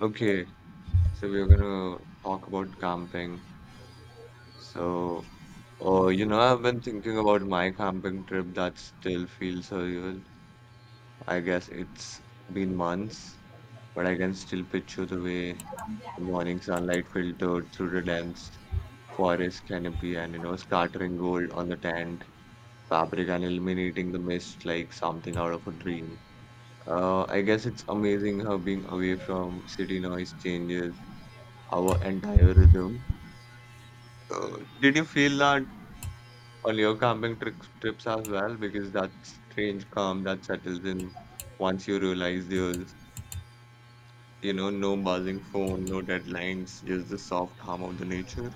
Okay, so we're gonna talk about camping. So, I've been thinking about my camping trip that still feels surreal. I guess it's been months, but I can still picture the way the morning sunlight filtered through the dense forest canopy and scattering gold on the tent fabric and illuminating the mist like something out of a dream. I guess it's amazing how being away from city noise changes our entire rhythm. So, did you feel that on your camping trips as well? Because that strange calm that settles in once you realize there's no buzzing phone, no deadlines, just the soft hum of the nature.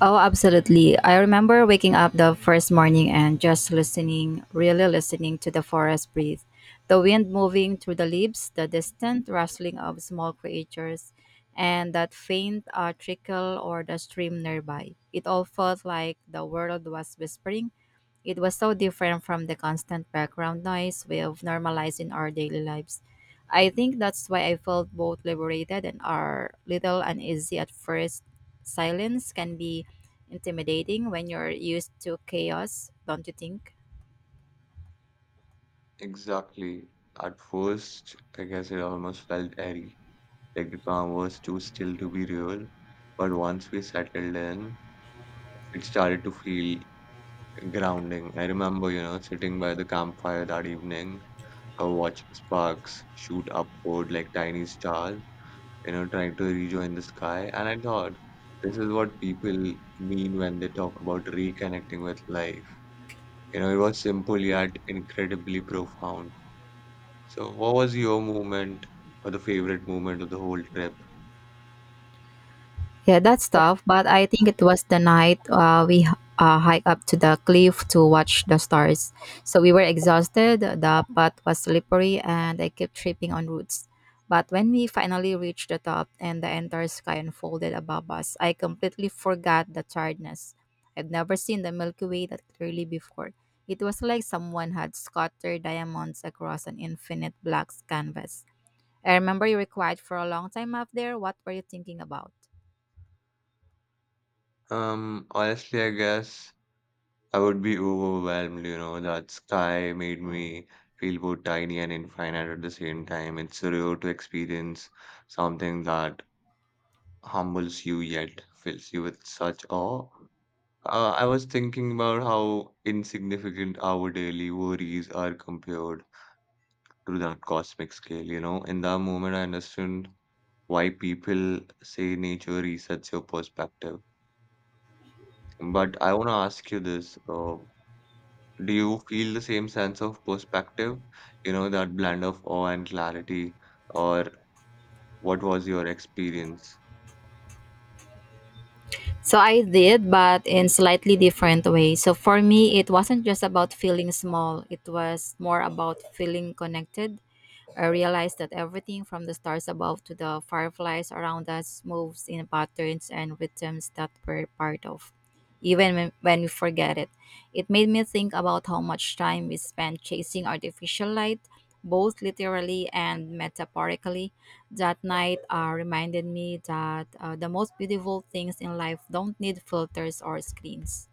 Oh, absolutely. I remember waking up the first morning and just listening, really listening to the forest breathe. The wind moving through the leaves, the distant rustling of small creatures, and that faint trickle or the stream nearby. It all felt like the world was whispering, it was so different from the constant background noise we have normalized in our daily lives. I think that's why I felt both liberated and are little uneasy at first. Silence can be intimidating when you're used to chaos, don't you think? Exactly. At first, I guess it almost felt airy, like the calm was too still to be real. But once we settled in, it started to feel grounding. I remember, sitting by the campfire that evening, watching sparks shoot upward like tiny stars, trying to rejoin the sky. And I thought, this is what people mean when they talk about reconnecting with life. You know, it was simple yet incredibly profound. So, what was your moment or the favorite moment of the whole trip? Yeah, that's tough, but I think it was the night we hiked up to the cliff to watch the stars. So we were exhausted, the path was slippery, and I kept tripping on roots. But when we finally reached the top and the entire sky unfolded above us, I completely forgot the tiredness. I've never seen the Milky Way that clearly before. It was like someone had scattered diamonds across an infinite black canvas. I remember you were quiet for a long time up there. What were you thinking about? Honestly, I guess I would be overwhelmed, that sky made me feel both tiny and infinite at the same time. It's surreal to experience something that humbles you yet fills you with such awe. I was thinking about how insignificant our daily worries are compared to that cosmic scale. You know, in that moment, I understand why people say nature resets your perspective. But I want to ask you this, do you feel the same sense of perspective? You know, that blend of awe and clarity, or what was your experience? So I did, but in slightly different way. So for me, it wasn't just about feeling small. It was more about feeling connected. I realized that everything from the stars above to the fireflies around us moves in patterns and rhythms that we're part of, even when we forget it. It made me think about how much time we spend chasing artificial light, both literally and metaphorically. That night reminded me that the most beautiful things in life don't need filters or screens.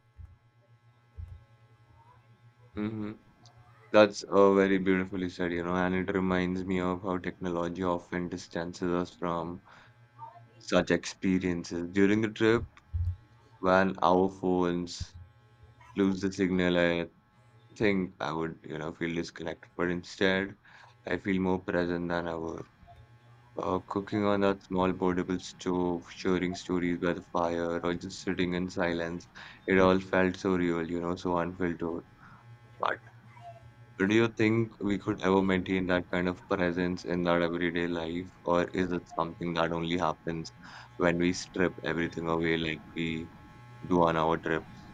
Mm-hmm. That's very beautifully said, you know, and it reminds me of how technology often distances us from such experiences. During the trip, when our phones lose the signal, I think I would feel disconnected. But instead, I feel more present than ever. Cooking on that small portable stove, sharing stories by the fire, or just sitting in silence, it all felt so real, so unfiltered. But do you think we could ever maintain that kind of presence in our everyday life, or is it something that only happens when we strip everything away like we do on our trips?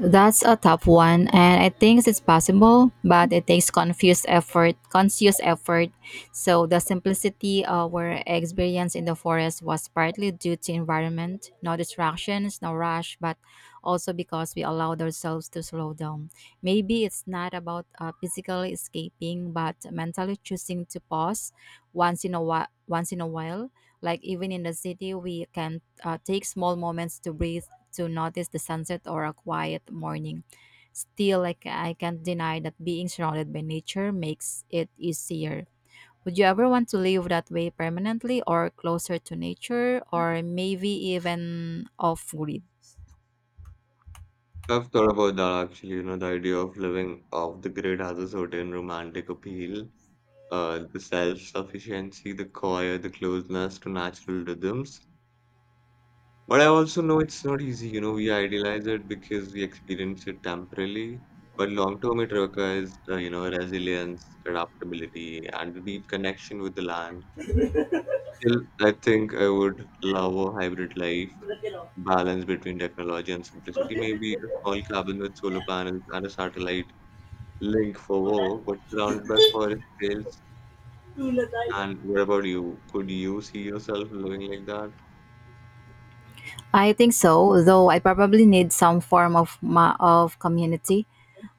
That's a tough one, and I think it's possible, but it takes confused effort, conscious effort. So the simplicity our experience in the forest was partly due to environment, no distractions, no rush, but also because we allowed ourselves to slow down. Maybe it's not about physically escaping, but mentally choosing to pause once in a while. Once in a while, like even in the city, we can take small moments to breathe to notice the sunset or a quiet morning. Still, like I can't deny that being surrounded by nature makes it easier. Would you ever want to live that way permanently or closer to nature or maybe even off grid? I've thought about that actually, the idea of living off the grid has a certain romantic appeal. The self-sufficiency, the quiet, the closeness to natural rhythms. But I also know it's not easy, we idealize it because we experience it temporarily, but long term it requires, resilience, adaptability, and a deep connection with the land. Still, I think I would love a hybrid life, balance between technology and simplicity, maybe a small cabin with solar panels and a satellite link for work, but surrounded by forest trails. And what about you? Could you see yourself living like that? I think so, though I probably need some form of of community.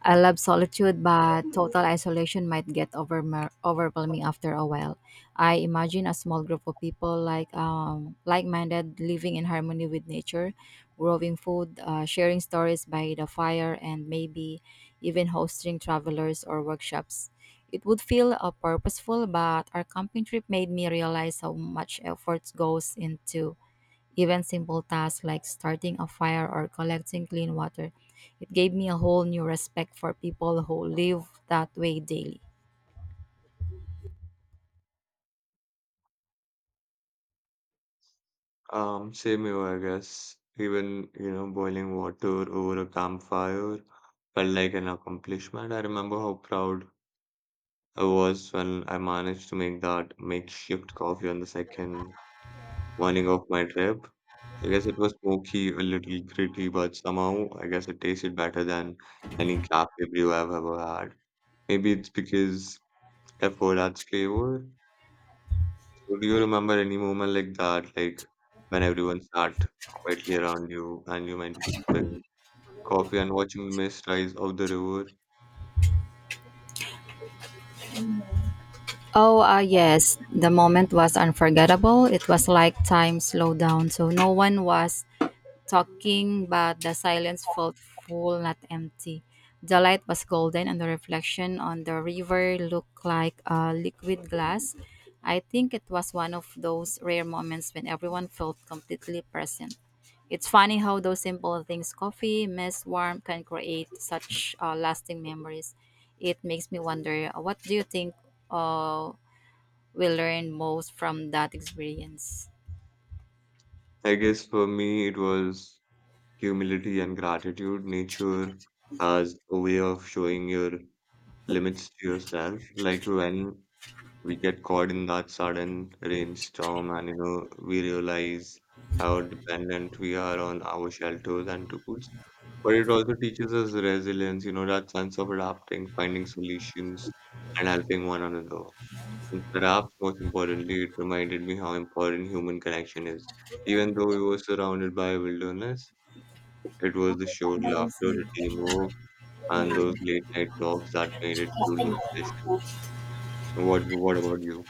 I love solitude, but total isolation might get overwhelming after a while. I imagine a small group of people like like-minded living in harmony with nature, growing food, sharing stories by the fire, and maybe even hosting travelers or workshops. It would feel purposeful, but our camping trip made me realize how much effort goes into even simple tasks like starting a fire or collecting clean water. It gave me a whole new respect for people who live that way daily. Same here, I guess. Even, boiling water over a campfire felt like an accomplishment. I remember how proud I was when I managed to make that makeshift coffee on the second morning of my trip. I guess it was smoky, a little gritty, but somehow I guess it tasted better than any cafe brew I've ever had. Maybe it's because I've heard adds flavor. So do you remember any moment like that, like when everyone sat quietly around you and you might be sipping coffee and watching the mist rise out the river? Oh, yes, the moment was unforgettable. It was like time slowed down, so no one was talking, but the silence felt full, not empty. The light was golden, and the reflection on the river looked like a liquid glass. I think it was one of those rare moments when everyone felt completely present. It's funny how those simple things, coffee, mist, warmth can create such lasting memories. It makes me wonder what do you think uh, we learned most from that experience? I guess for me it was humility and gratitude. Nature as a way of showing your limits to yourself. Like when we get caught in that sudden rainstorm and you know we realize how dependent we are on our shelters and tools. But it also teaches us resilience, that sense of adapting, finding solutions, and helping one another. And perhaps most importantly, it reminded me how important human connection is. Even though we were surrounded by wilderness, it was the shared laughter, the teamwork, and those late night talks that made it truly special. What about you?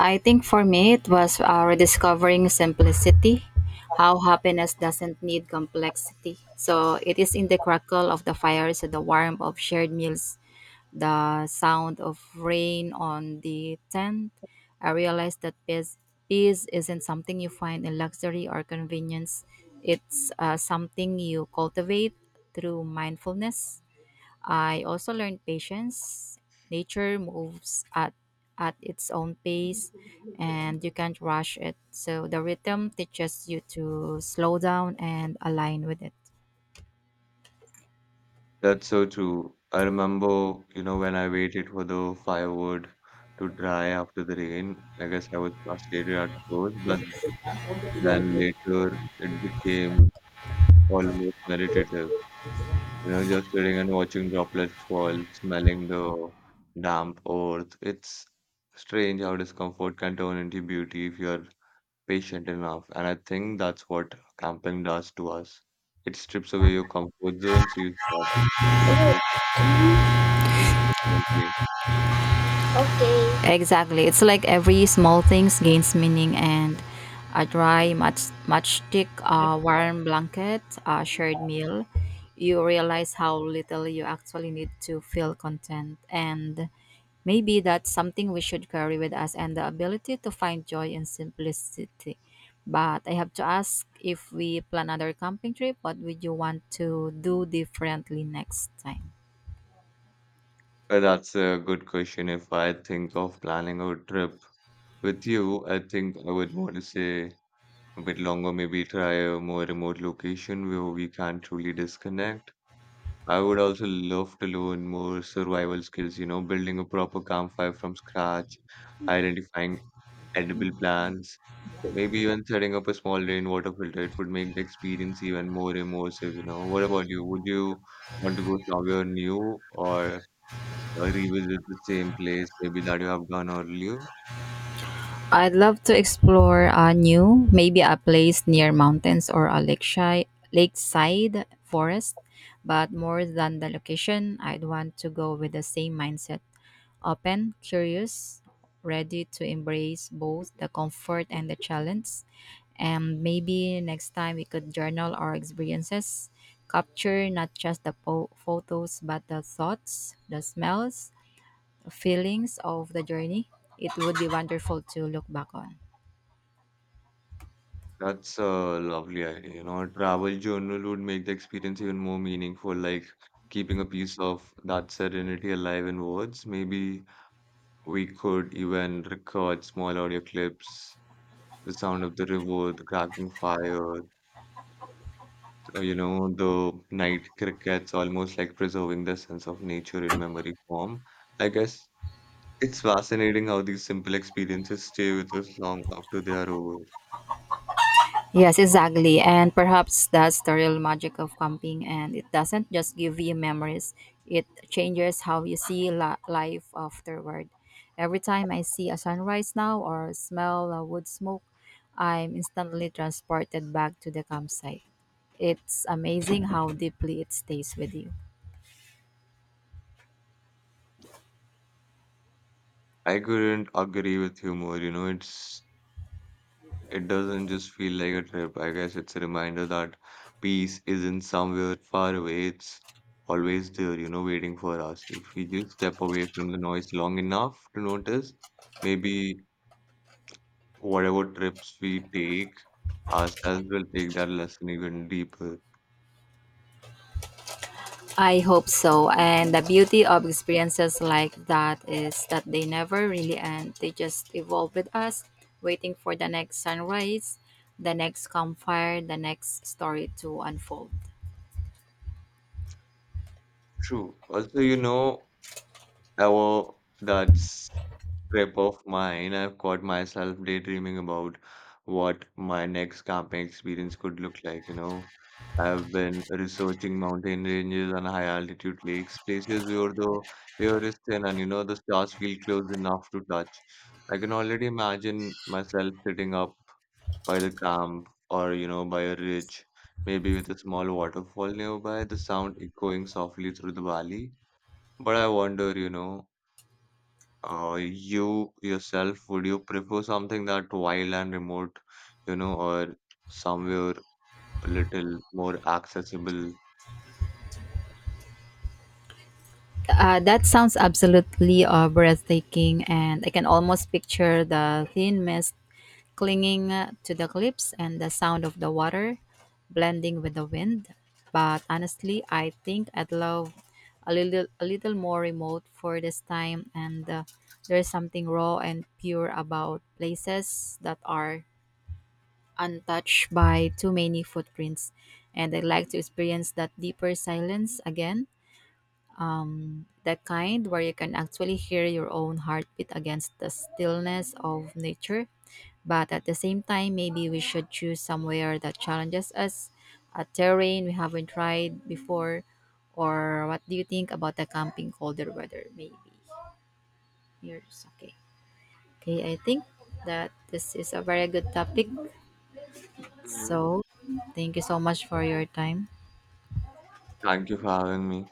I think for me, it was rediscovering simplicity, how happiness doesn't need complexity. So it is in the crackle of the fires, the warmth of shared meals, the sound of rain on the tent. I realized that peace isn't something you find in luxury or convenience, it's something you cultivate through mindfulness. I also learned patience. Nature moves at its own pace and you can't rush it. So the rhythm teaches you to slow down and align with it. That's so true. I remember, when I waited for the firewood to dry after the rain. I guess I was frustrated at first, but then later it became almost meditative, just sitting and watching droplets fall, smelling the damp earth. It's strange how discomfort can turn into beauty if you're patient enough. And I think that's what camping does to us. It strips away your comfort zone so you start appreciating things differently. Exactly. It's like every small things gains meaning and a dry matchstick, a warm blanket, a shared meal, you realize how little you actually need to feel content and maybe that's something we should carry with us and the ability to find joy in simplicity. But I have to ask if we plan another camping trip, what would you want to do differently next time? Well, that's a good question. If I think of planning a trip with you, I think I would want to say a bit longer, maybe try a more remote location where we can truly disconnect. I would also love to learn more survival skills, building a proper campfire from scratch, identifying edible plants, maybe even setting up a small rainwater filter. It would make the experience even more immersive, What about you? Would you want to go somewhere new or revisit the same place maybe that you have done earlier? I'd love to explore a new, maybe a place near mountains or a lakeside forest. But more than the location, I'd want to go with the same mindset open, curious, ready to embrace both the comfort and the challenge. And maybe next time we could journal our experiences, capture not just the photos, but the thoughts, the smells, the feelings of the journey. It would be wonderful to look back on. That's a lovely idea. You know, a travel journal would make the experience even more meaningful, like keeping a piece of that serenity alive in words. Maybe we could even record small audio clips, the sound of the river, the cracking fire, the night crickets, almost like preserving the sense of nature in memory form. I guess it's fascinating how these simple experiences stay with us long after they are over. Yes, exactly. And perhaps that's the real magic of camping. And it doesn't just give you memories, it changes how you see life afterward. Every time I see a sunrise now or smell a wood smoke, I'm instantly transported back to the campsite. It's amazing how deeply it stays with you. I couldn't agree with you more. You know, it's it doesn't just feel like a trip. I guess it's a reminder that peace isn't somewhere far away. It's always there, waiting for us. If we just step away from the noise long enough to notice, maybe whatever trips we take, ourselves will take that lesson even deeper. I hope so. And the beauty of experiences like that is that they never really end. They just evolve with us, waiting for the next sunrise, the next campfire, the next story to unfold. True. Also, oh, that's trip of mine. I've caught myself daydreaming about what my next camping experience could look like, I've been researching mountain ranges and high altitude lakes, places where the air is thin and you know the stars feel close enough to touch. I can already imagine myself sitting up by the camp or you know by a ridge, maybe with a small waterfall nearby, the sound echoing softly through the valley. But I wonder, you know. You yourself, would you prefer something that wild and remote, or somewhere a little more accessible? That sounds absolutely breathtaking. And I can almost picture the thin mist clinging to the cliffs and the sound of the water blending with the wind. But honestly, I think I'd love a little more remote for this time and there's something raw and pure about places that are untouched by too many footprints and I'd like to experience that deeper silence again the kind where you can actually hear your own heartbeat against the stillness of nature. But at the same time, maybe we should choose somewhere that challenges us, a terrain we haven't tried before. Or what do you think about the camping colder weather? Maybe yours. Okay. Okay, I think that this is a very good topic. Hmm. So, thank you so much for your time. Thank you for having me.